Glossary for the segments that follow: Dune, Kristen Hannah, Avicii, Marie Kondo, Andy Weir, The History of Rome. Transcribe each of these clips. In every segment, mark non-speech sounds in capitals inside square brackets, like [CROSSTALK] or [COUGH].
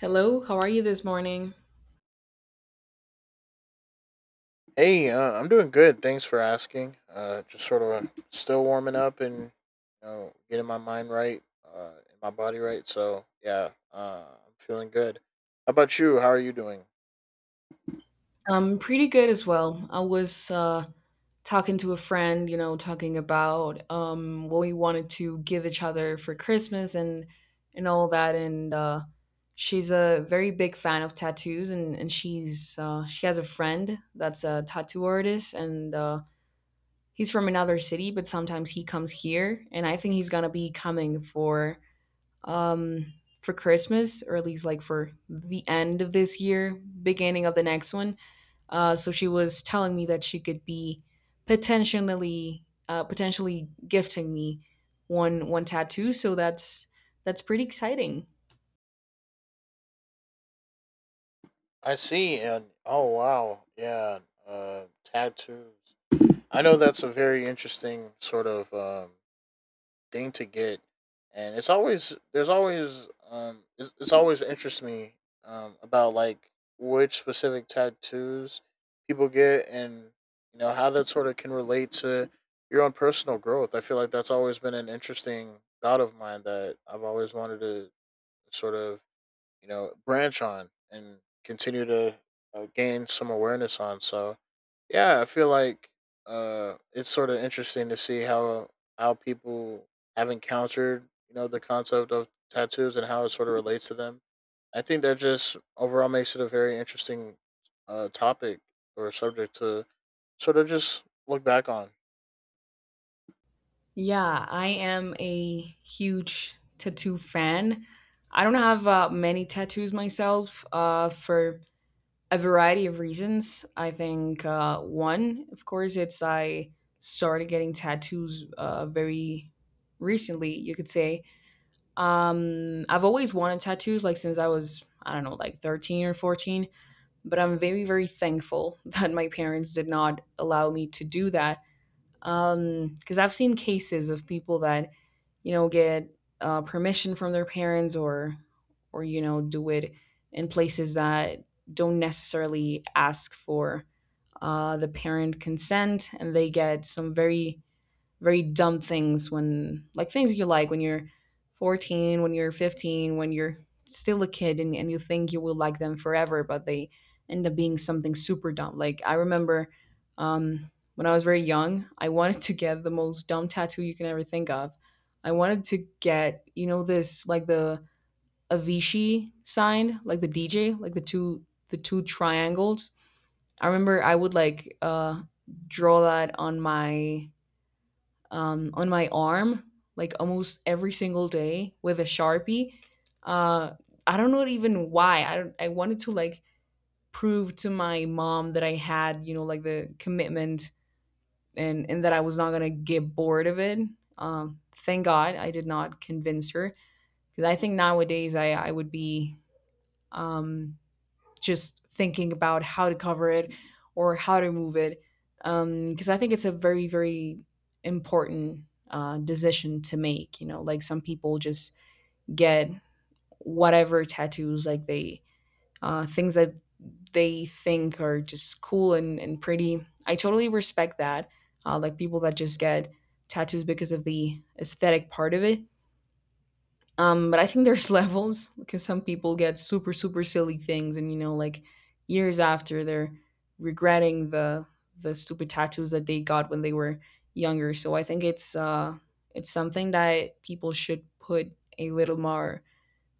Hello, how are you this morning? I'm doing good. Thanks for asking. Just sort of still warming up and getting my mind right, and my body right. So yeah, I'm feeling good. How about you? How are you doing? I'm pretty good as well. I was talking to a friend, you know, talking about what we wanted to give each other for Christmas and all that. And She's a very big fan of tattoos, and she's she has a friend that's a tattoo artist, and he's from another city, but sometimes he comes here, and I think he's gonna be coming um, for Christmas, or at least like for the end of this year, beginning of the next one. So she was telling me that she could be potentially gifting me one tattoo. So that's pretty exciting. I see. And oh wow, yeah, uh, tattoos. I know that's a very interesting sort of thing to get, and it's always there's always it's always interests me about like which specific tattoos people get, and how that sort of can relate to your own personal growth. I feel like that's always been an interesting thought of mine that I've always wanted to sort of branch on and continue to gain some awareness on. So yeah, I feel like it's sort of interesting to see how people have encountered the concept of tattoos and how it sort of relates to them. I think that just overall makes it a very interesting topic or subject to sort of just look back on. Yeah, I am a huge tattoo fan. I don't have many tattoos myself. For a variety of reasons. I think one, of course, it's I started getting tattoos very recently. You could say I've always wanted tattoos, like since I was I don't know, like 13 or 14. But I'm very thankful [LAUGHS] that my parents did not allow me to do that because I've seen cases of people that you know get permission from their parents or or do it in places that don't necessarily ask for the parent consent, and they get some very dumb things. When like things you like when you're 14, when you're 15, when you're still a kid, and you think you will like them forever, but they end up being something super dumb. Like I remember when I was very young I wanted to get the most dumb tattoo you can ever think of. I wanted to get, you know, this like the avicii sign, like the dj, like the two triangles. I remember I would like draw that on my arm like almost every single day with a sharpie. Uh, I don't know even why. I don't, I wanted to like prove to my mom that I had, you know, like the commitment, and that I was not gonna get bored of it. Thank God I did not convince her, because I think nowadays I would be um just thinking about how to cover it or how to move it, because I think it's a very important decision to make. You know, like some people just get whatever tattoos, like they things that they think are just cool and pretty. I totally respect that. Like people that just get tattoos because of the aesthetic part of it. But I think there's [LAUGHS] levels, because some people get super, super silly things, and you know, like years after they're regretting the stupid tattoos that they got when they were younger. So I think it's something that people should put a little more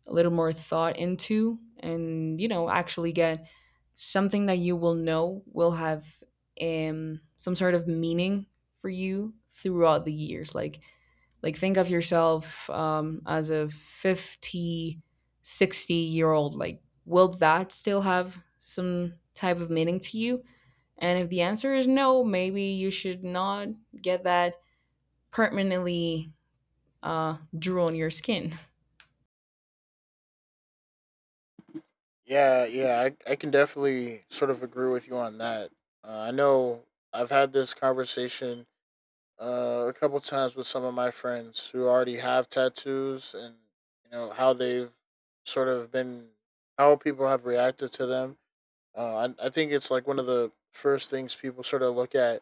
a little more thought into, and you know, actually get something that you will know will have some sort of meaning for you throughout the years. Like think of yourself as a 50, 60 year old. Like will that still have some type of meaning to you? And if the answer is no, maybe you should not get that permanently drew on your skin. Yeah, yeah, I can definitely sort of agree with you on that. I know I've had this conversation a couple times with some of my friends who already have tattoos, and how they've sort of been how people have reacted to them. I think it's like one of the first things people sort of look at,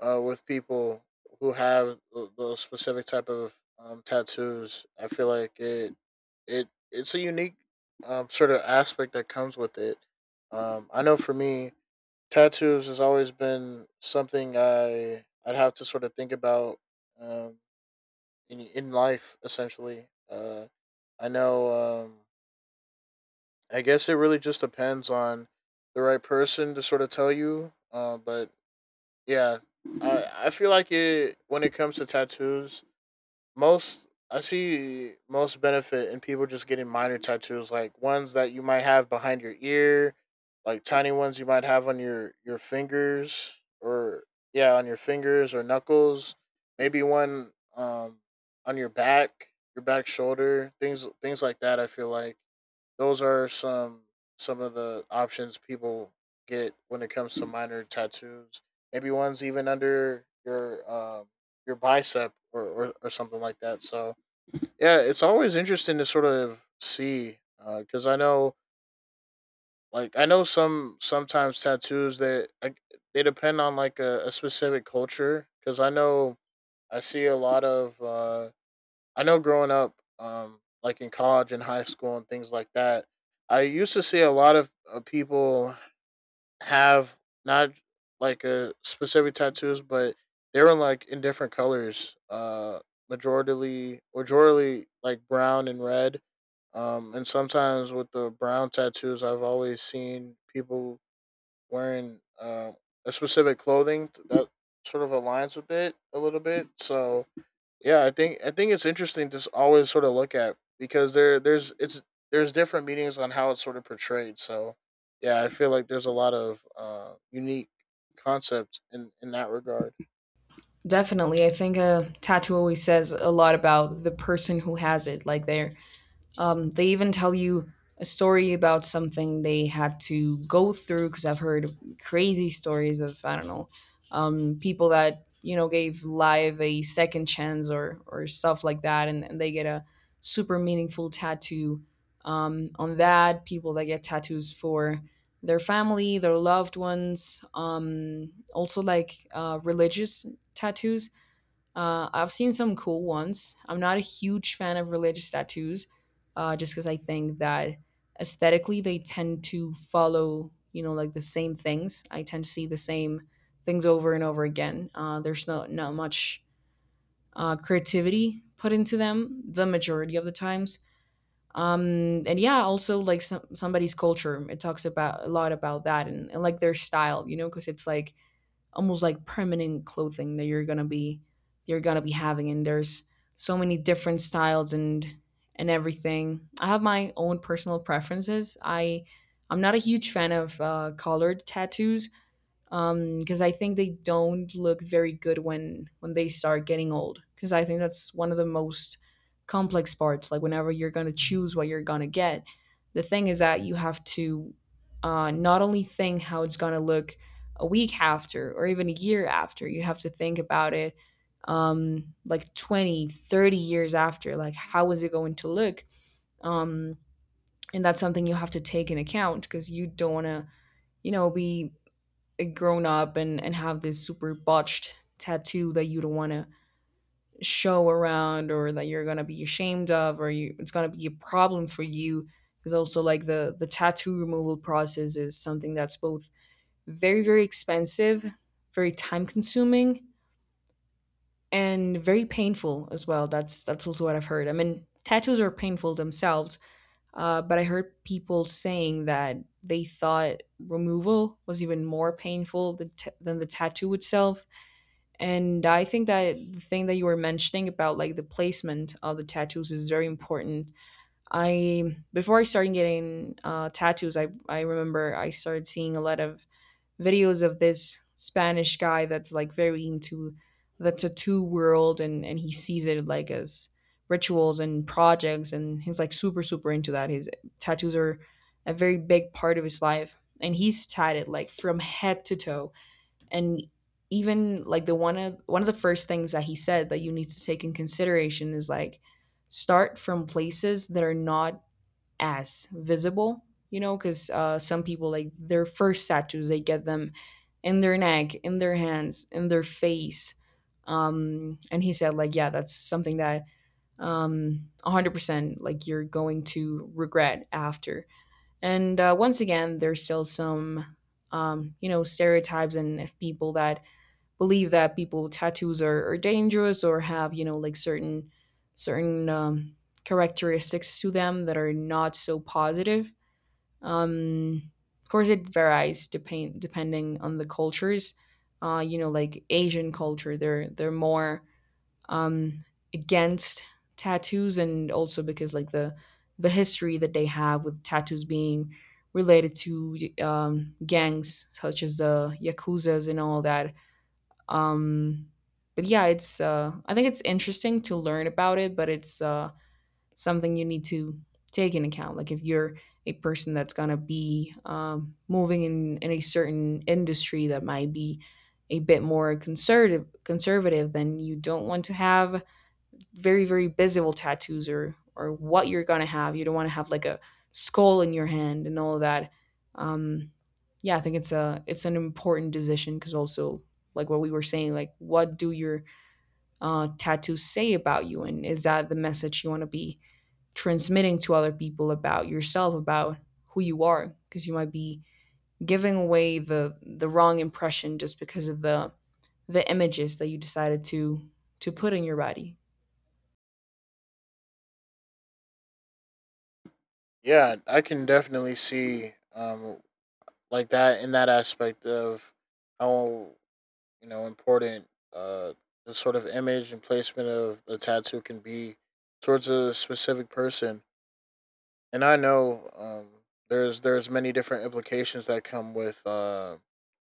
with people who have those specific type of tattoos. I feel like it's a unique sort of aspect that comes with it. I know for me, tattoos has always been something I'd have to sort of think about um, in life essentially. I know. I guess it really just depends on the right person to sort of tell you. But yeah, I feel like it, when it comes to tattoos, most I see most benefit in people just getting minor tattoos, like ones that you might have behind your ear, like tiny ones you might have on your fingers or yeah, on your fingers or knuckles. Maybe one on your back shoulder, things like that. I feel like those are some of the options people get when it comes to minor tattoos. Maybe one's even under your bicep or something like that. So yeah, it's always interesting to sort of see because I know, like I know some sometimes tattoos that like, they depend on like a specific culture, because I know I see a lot of I know growing up, like in college and high school and things like that, I used to see a lot of people have not like a specific tattoos, but they were like in different colors, majority, majority like brown and red. And sometimes with the brown tattoos, I've always seen people wearing a specific clothing that sort of aligns with it a little bit. So yeah, I think it's interesting to always sort of look at, because there's different meanings on how it's sort of portrayed. So yeah, I feel like there's a lot of unique concept in that regard. Definitely, I think a tattoo always says a lot about the person who has it, like their they even tell you a story about something they had to go through, because I've heard crazy stories of I don't know people that, you know, gave life a second chance or stuff like that, and they get a super meaningful tattoo on that. People that get tattoos for their family, their loved ones, also like religious tattoos. I've seen some cool ones. I'm not a huge fan of religious tattoos, just because I think that aesthetically they tend to follow, you know, like the same things. I tend to see the same things over and over again. There's no not much creativity put into them the majority of the times. And yeah, also like somebody's culture. It talks about a lot about that, and like their style, you know, because it's like almost like permanent clothing that you're gonna be having. And there's so many different styles, and everything. I have my own personal preferences. I'm not a huge fan of collared tattoos, because I think they don't look very good when they start getting old, because I think that's one of the most complex parts. Like whenever you're going to choose what you're going to get, the thing is that you have to not only think how it's going to look a week after or even a year after. You have to think about it like 20, 30 years after. Like how is it going to look? um, and that's something you have to take in account, because you don't want to, you know, be grown up and have this super botched tattoo that you don't want to show around, or that you're going to be ashamed of, or it's going to be a problem for you. Because also, like, the tattoo removal process is something that's both very expensive, very time consuming, and very painful as well. That's also what I've heard. I mean, tattoos are painful themselves, but I heard people saying that they thought removal was even more painful than the tattoo itself. And I think that the thing that you were mentioning about like the placement of the tattoos is very important. I before I started getting tattoos, I remember I started seeing a lot of videos of this Spanish guy that's like very into the tattoo world, and he sees it like as rituals and projects, and he's like super super into that. His tattoos are a very big part of his life, and he's tatted like from head to toe. And even like the one of the first things that he said that you need to take in consideration is like start from places that are not as visible, you know, because some people like their first tattoos, they get them in their neck, in their hands, in their face. And he said like yeah, that's something that 100% like you're going to regret after. And once again, there's still some you know stereotypes and if people that believe that people tattoos are dangerous, or have, you know, like certain certain um, characteristics to them that are not so positive. Um, of course, it varies depending on the cultures. You know, like Asian culture, they're more um, against tattoos, and also because like the history that they have with tattoos being related to gangs such as the yakuza's and all that. um, but yeah, it's I think it's interesting to learn about it, but it's something you need to take in account. Like if you're a person that's gonna be moving in a certain industry that might be a bit more conservative, then you don't want to have very visible tattoos, or what you're gonna have. You don't want to have like a skull in your hand and all of that. Um, yeah, I think it's a it's an important decision, because also like what we were saying, like what do your tattoos say about you, and is that the message you want to be transmitting to other people about yourself, about who you are? Because you might be giving away the wrong impression just because of the images that you decided to put in your body. Yeah, I can definitely see like that in that aspect of how important uh the sort of image and placement of the tattoo can be towards a specific person. And I know there's many different implications that come with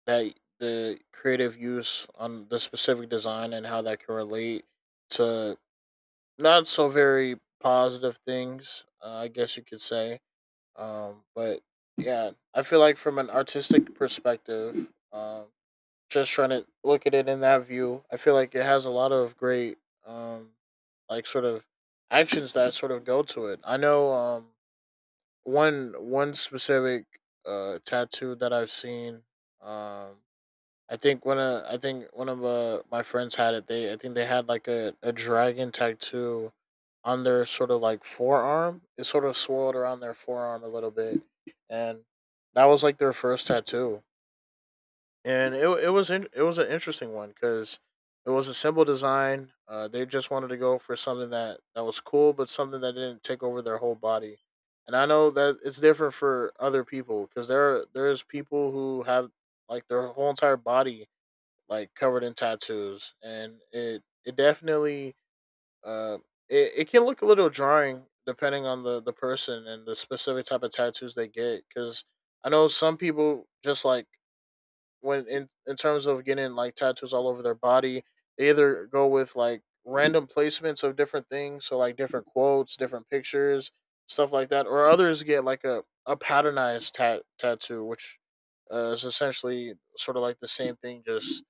that the creative use on the specific design and how that can relate to not so very positive things, I guess you could say. But yeah, I feel like from an artistic perspective, just trying to look at it in that view, I feel like it has a lot of great, um, like sort of actions that sort of go to it. I know, um, one specific tattoo that I've seen. Um, I think one of I think one of my friends had it. They I think they had like a dragon tattoo on their sort of like forearm. It sort of swirled around their forearm a little bit, and that was like their first tattoo, and it was in, it was an interesting one because it was a simple design. They just wanted to go for something that that was cool, but something that didn't take over their whole body. And I know that it's different for other people, because there is people who have like their whole entire body like covered in tattoos, and it definitely uh it, it can look a little jarring depending on the person and the specific type of tattoos they get, because I know some people just like when in terms of getting like tattoos all over their body, they either go with like random placements of different things, so like different quotes, different pictures, stuff like that, or others get like a patternized tattoo, which is essentially sort of like the same thing, just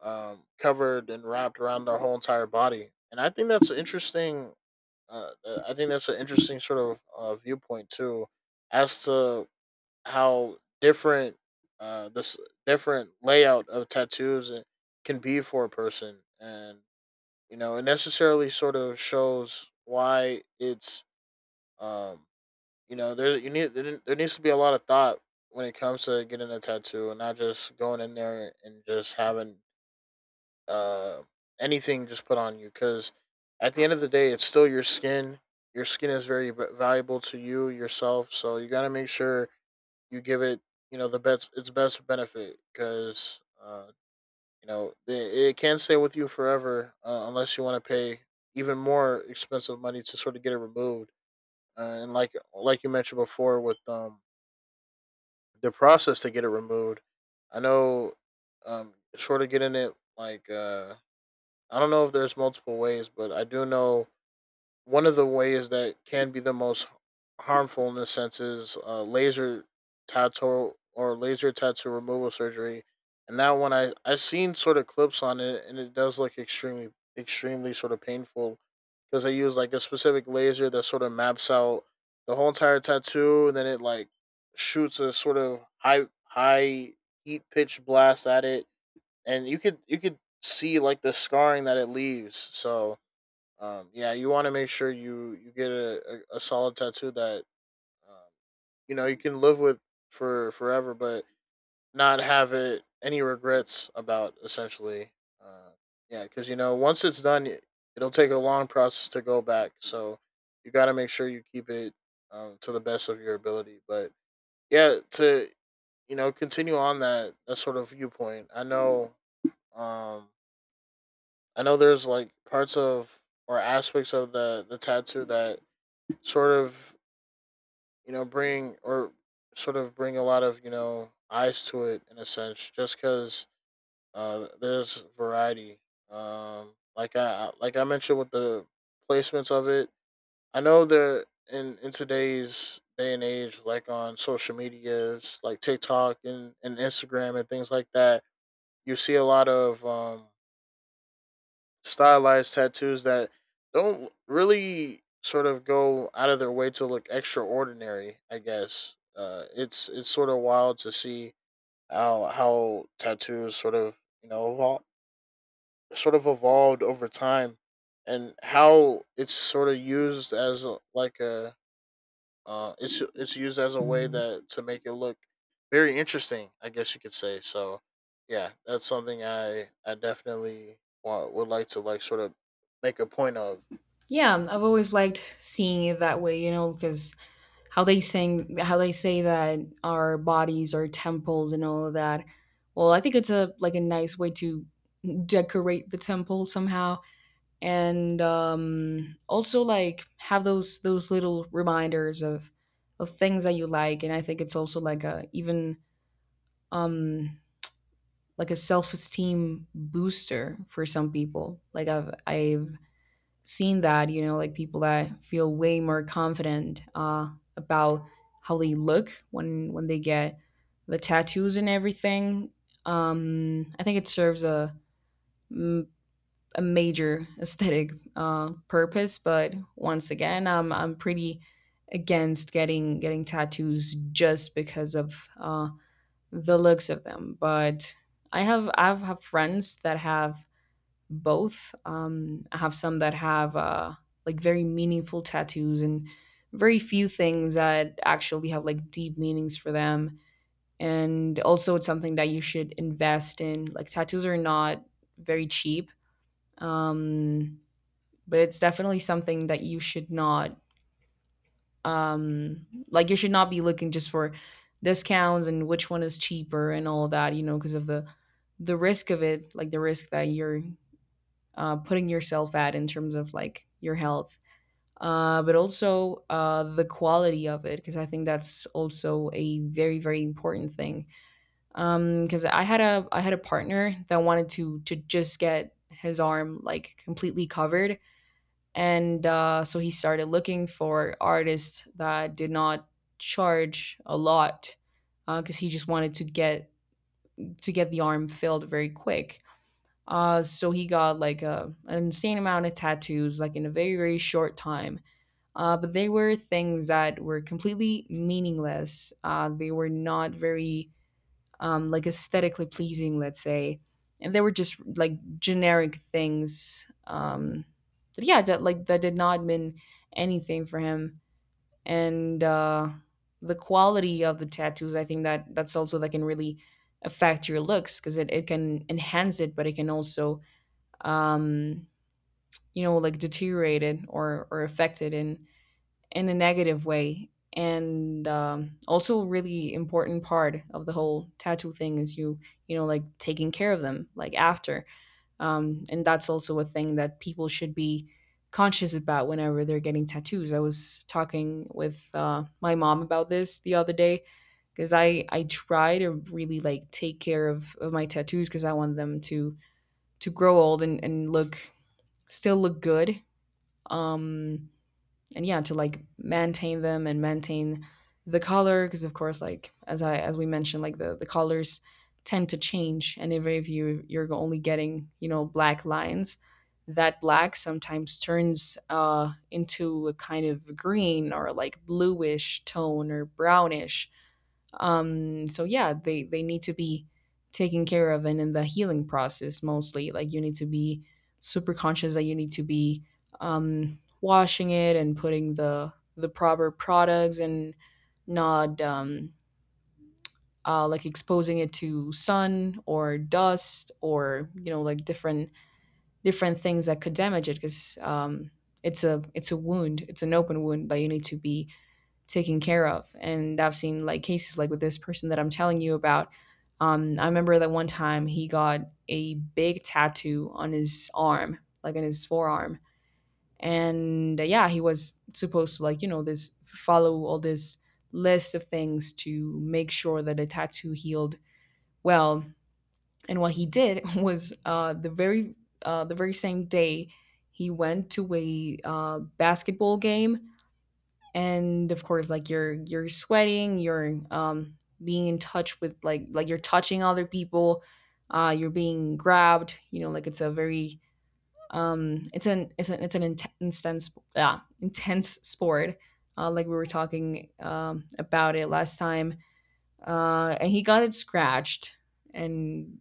covered and wrapped around their whole entire body. And I think that's an interesting. I think that's an interesting sort of viewpoint too, as to how different this different layout of tattoos can be for a person, and it necessarily sort of shows why it's um you know, there needs to be a lot of thought when it comes to getting a tattoo, and not just going in there and just having uh anything just put on you, because at the end of the day, it's still your skin. Your skin is very valuable to you yourself, so you got to make sure you give it the best its best benefit, because you know they, it can stay with you forever, unless you want to pay even more expensive money to sort of get it removed. And like you mentioned before with the process to get it removed, I know sort of getting it like I don't know if there's multiple ways, but I do know one of the ways that can be the most harmful in a sense is laser tattoo, or laser tattoo removal surgery. And that one, I seen sort of clips on it, and it does look extremely extremely sort of painful, because they use like a specific laser that sort of maps out the whole entire tattoo, and then it like shoots a sort of high heat pitch blast at it, and you could see like the scarring that it leaves. So yeah, you want to make sure you get a solid tattoo that um, you know you can live with for forever, but not have it any regrets about. Essentially, uh, yeah, because you know once it's done, it'll take a long process to go back. So you got to make sure you keep it to the best of your ability. But yeah, to continue on that sort of viewpoint. I know. Um, I know there's like parts of or aspects of the tattoo that sort of bring or sort of bring a lot of eyes to it in a sense, just because there's variety, like I like I mentioned with the placements of it. I know that in today's day and age, like on social medias like TikTok and Instagram and things like that, you see a lot of stylized tattoos that don't really sort of go out of their way to look extraordinary. I guess it's sort of wild to see how tattoos sort of sort of evolved over time, and how it's sort of used as a, like a it's used as a way that to make it look very interesting, I guess you could say. So yeah, that's something I definitely want, would like to like sort of make a point of. Yeah, I've always liked seeing it that way, you know, because how they sing, how they say that our bodies are temples and all of that. Well, I think it's a like a nice way to decorate the temple somehow, and also like have those little reminders of things that you like. And I think it's also like a even um like a self-esteem booster for some people. Like I've seen that, you know, like people that feel way more confident about how they look when they get the tattoos and everything. I think it serves a m- a major [LAUGHS] aesthetic purpose. But once again, I'm pretty against getting tattoos just because of the looks of them. But I've have friends that have both. I have some that have like very meaningful tattoos, and very few things that actually have like deep meanings for them. And also, it's something that you should invest in. Like tattoos are not very cheap, um, but it's definitely something that you should not you should not be looking just for discounts and which one is cheaper and all that, you know, because of the risk of it, like the risk that you're putting yourself at in terms of like your health, but also the quality of it, because I think that's also a very very important thing, because I had a partner that wanted to just get his arm like completely covered. And so he started looking for artists that did not charge a lot, because he just wanted to get the arm filled very quick. So he got like an insane amount of tattoos, like in a very very short time. But they were things that were completely meaningless. They were not very like aesthetically pleasing, let's say. And they were just like generic things. But yeah, that, like, that did not mean anything for him. And the quality of the tattoos, I think that that's also that can really affect your looks, because it can enhance it, but it can also, um, you know, like deteriorate it or affect it in a negative way. And also, a really important part of the whole tattoo thing is like taking care of them, like after. And that's also a thing that people should be conscious about whenever they're getting tattoos. I was talking with my mom about this the other day, because I try to really like take care of my tattoos, because I want them to grow old and look still look good. Um, and yeah, to like maintain them and maintain the color, because of course, like as I as we mentioned, like the colors tend to change. And if you, you're only getting, you know, black lines, that black sometimes turns into a kind of green or like bluish tone or brownish. So yeah, they need to be taken care of, and in the healing process mostly, like you need to be super conscious that you need to be washing it and putting the proper products, and not like exposing it to sun or dust, or you know, like different different things that could damage it, because it's a wound, it's an open wound that you need to be taken care of. And I've seen like cases, like with this person that I'm telling you about. I remember that one time he got a big tattoo on his arm, like on his forearm. And yeah, he was supposed to, like, you know, this follow all this list of things to make sure that the tattoo healed well. And what he did [LAUGHS] was the very same day he went to a basketball game. And of course, like you're sweating, you're, being in touch with like you're touching other people, you're being grabbed, you know, like it's a very, it's an intense, yeah, intense sport. Like we were talking about it last time. And he got it scratched, and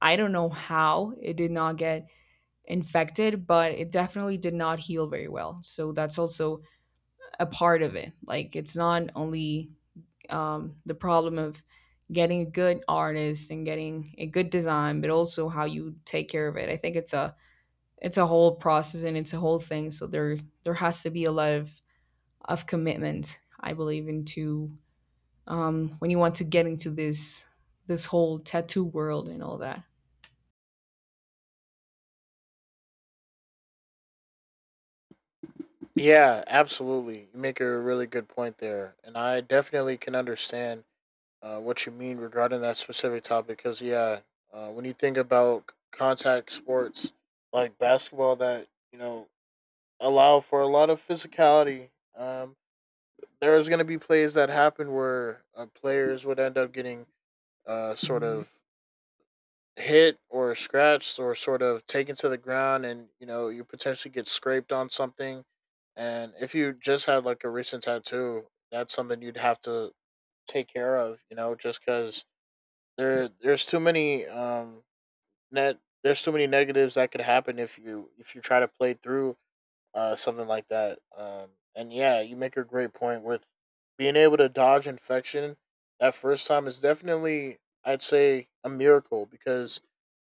I don't know how it did not get infected, but it definitely did not heal very well. So that's also a part of it. Like it's not only, the problem of getting a good artist and getting a good design, but also how you take care of it. I think it's a whole process, and it's a whole thing. So there has to be a lot of commitment, I believe, into, when you want to get into this this whole tattoo world and all that. Yeah, absolutely. You make a really good point there, and I definitely can understand what you mean regarding that specific topic. Because yeah, when you think about contact sports like basketball, that you know allow for a lot of physicality. Um, there's going to be plays that happen where players would end up getting sort of hit or scratched or sort of taken to the ground, and you know you potentially get scraped on something. And if you just had like a recent tattoo, that's something you'd have to take care of, you know, just because there's too many net there's too many negatives that could happen if you try to play through something like that. And yeah, you make a great point with being able to dodge infection that first time is definitely, I'd say, a miracle, because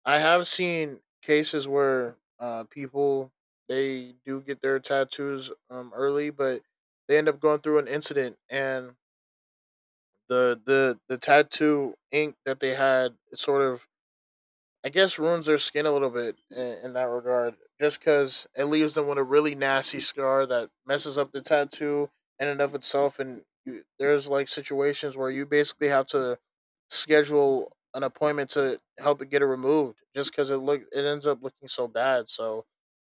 I have seen cases where people, they do get their tattoos early, but they end up going through an incident, and the tattoo ink that they had, it sort of, I guess, ruins their skin a little bit in that regard, just because it leaves them with a really nasty scar that messes up the tattoo in and of itself. And you, there's like situations where you basically have to schedule an appointment to help it get it removed, just because it ends up looking so bad. So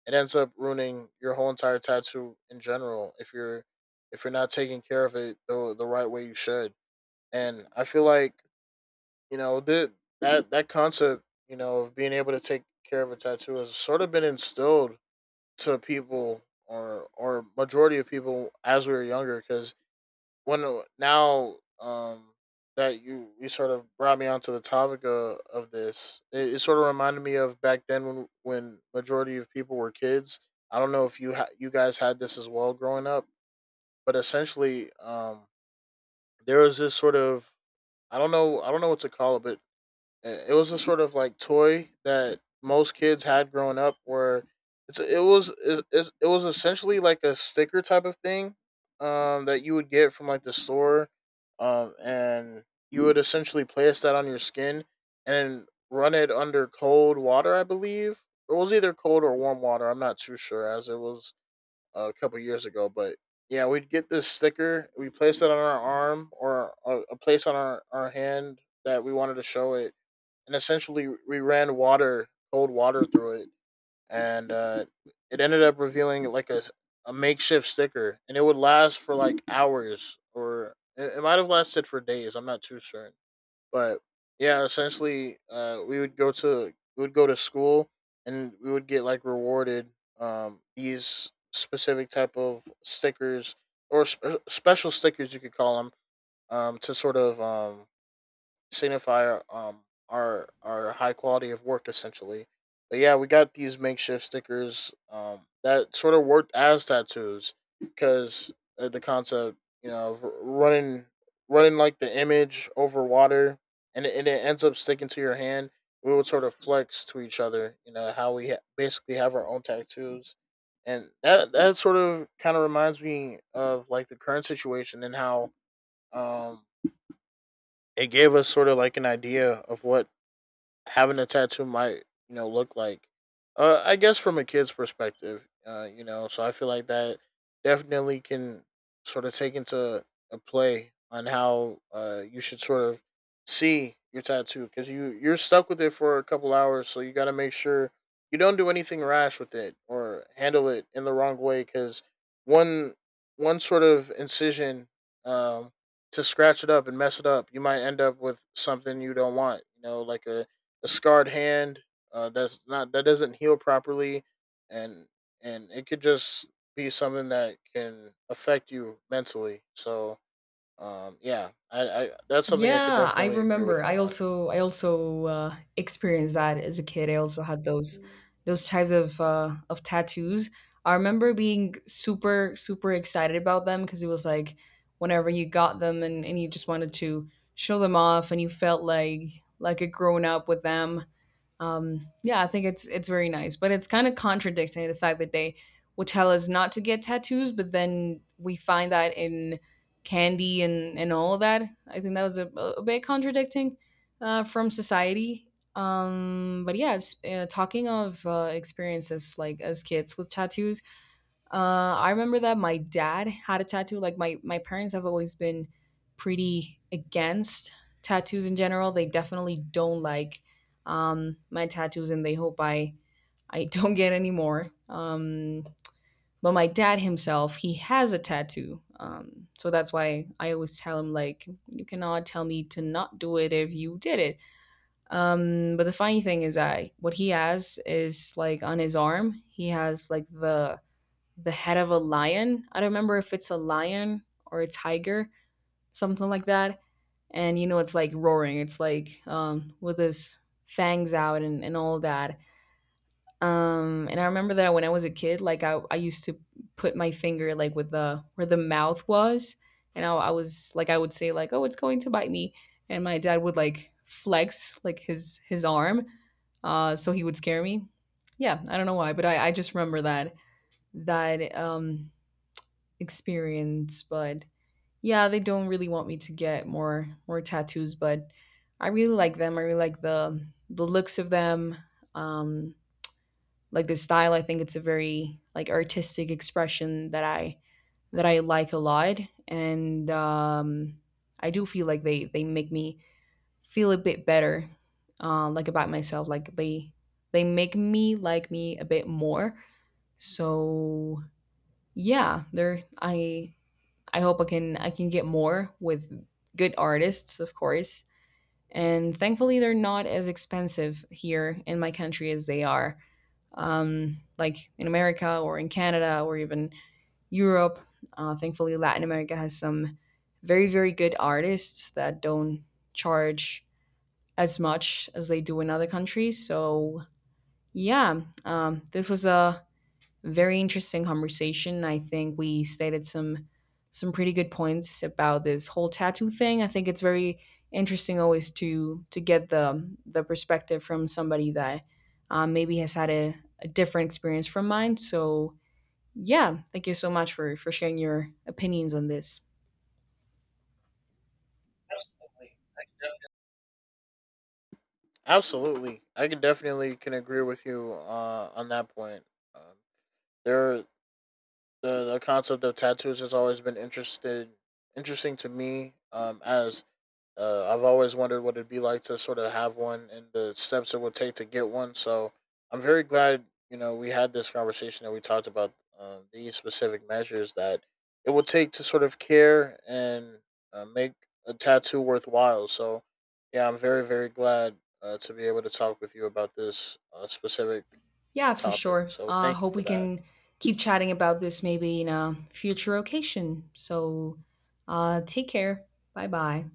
it ends up ruining your whole entire tattoo in general if you're not taking care of it the right way you should. And I feel like, you know, that concept, you know, of being able to take care of a tattoo has sort of been instilled to people, or majority of people, as we were younger, because when now that you sort of brought me onto the topic of this, it sort of reminded me of back then when majority of people were kids. I don't know if you guys had this as well growing up, but essentially, there was this sort of, I don't know, I don't know what to call it, but it was a sort of like toy that most kids had growing up, where it's it was it, it, it was essentially like a sticker type of thing, that you would get from like the store, and you would essentially place that on your skin and run it under cold water, I believe. It was either cold or warm water. I'm not too sure, as it was a couple years ago. But yeah, we'd get this sticker, we place it on our arm, or a place on our hand that we wanted to show it, and essentially we ran water, cold water, through it, and it ended up revealing like a makeshift sticker, and it would last for like hours, or it might have lasted for days. I'm not too sure. But yeah, essentially, we would go to school and we would get like rewarded these specific type of stickers, or special stickers, you could call them, to sort of signify our our high quality of work essentially. But yeah, we got these makeshift stickers that sort of worked as tattoos, because the concept, you know, of running like the image over water, and and it ends up sticking to your hand. We would sort of flex to each other, you know, how basically have our own tattoos. And that sort of kind of reminds me of like the current situation, and how um it gave us sort of like an idea of what having a tattoo might, you know, look like, I guess from a kid's perspective, you know. So I feel like that definitely can sort of take into a play on how you should sort of see your tattoo, because you're stuck with it for a couple hours, so you got to make sure you don't do anything rash with it or handle it in the wrong way, because one one sort of incision um to scratch it up and mess it up, you might end up with something you don't want, you know, like a scarred hand, that doesn't heal properly, and it could just be something that can affect you mentally. So yeah, I that's something I can Yeah, I definitely agree with remember. you on. I also experienced that as a kid. I also had those types of tattoos. I remember being super super excited about them, because it was like whenever you got them, and you just wanted to show them off, and you felt like a grown up with them. Yeah, I think it's very nice, but it's kind of contradicting the fact that they would tell us not to get tattoos, but then we find that in candy and all of that. I think that was a bit contradicting from society. But yes, talking of experiences like as kids with tattoos, I remember that my dad had a tattoo. Like my parents have always been pretty against tattoos in general. They definitely don't like, my tattoos, and they hope I [LAUGHS] don't get any more. But my dad himself, he has a tattoo, so that's why I always tell him like, you cannot tell me to not do it if you did it. But the funny thing is that what he has is like on his arm, he has like the head of a lion. I don't remember if it's a lion or a tiger, something like that. And you know, it's like roaring. It's like, with his fangs out and all that. And I remember that when I was a kid, like I used to put my finger like with the where the mouth was, and I was like I would say like, "Oh, it's going to bite me," and my dad would like flex like his arm, so he would scare me. Yeah, I don't know why, but I just remember that that experience. But yeah, they don't really want me to get more more tattoos, but I really like them. I really like the looks of them. Um like the style, I think it's a very like artistic expression that I like a lot. And I do feel like they make me feel a bit better, like about myself, like they make me like me a bit more. So yeah, they're I hope I can get more with good artists, of course. And thankfully, they're not as expensive here in my country as they are, like in America or in Canada or even Europe. Thankfully, Latin America has some very very good artists that don't charge as much as they do in other countries. So yeah, this was a very interesting conversation. I think we stated some pretty good points about this whole tattoo thing. I think it's very interesting always to get the perspective from somebody that, maybe has had a different experience from mine. So yeah, thank you so much for sharing your opinions on this. Absolutely. Absolutely, I can definitely can agree with you on that point. Um, there, the concept of tattoos has always been interested interesting to me, as I've always wondered what it'd be like to sort of have one, and the steps it would take to get one. So I'm very glad, you know, we had this conversation and we talked about these specific measures that it would take to sort of care and make a tattoo worthwhile. So yeah, I'm very, very glad to be able to talk with you about this specific Yeah, for topic. sure. So thank you Hope for we that. can keep chatting about this maybe in a future occasion. So take care. Bye bye.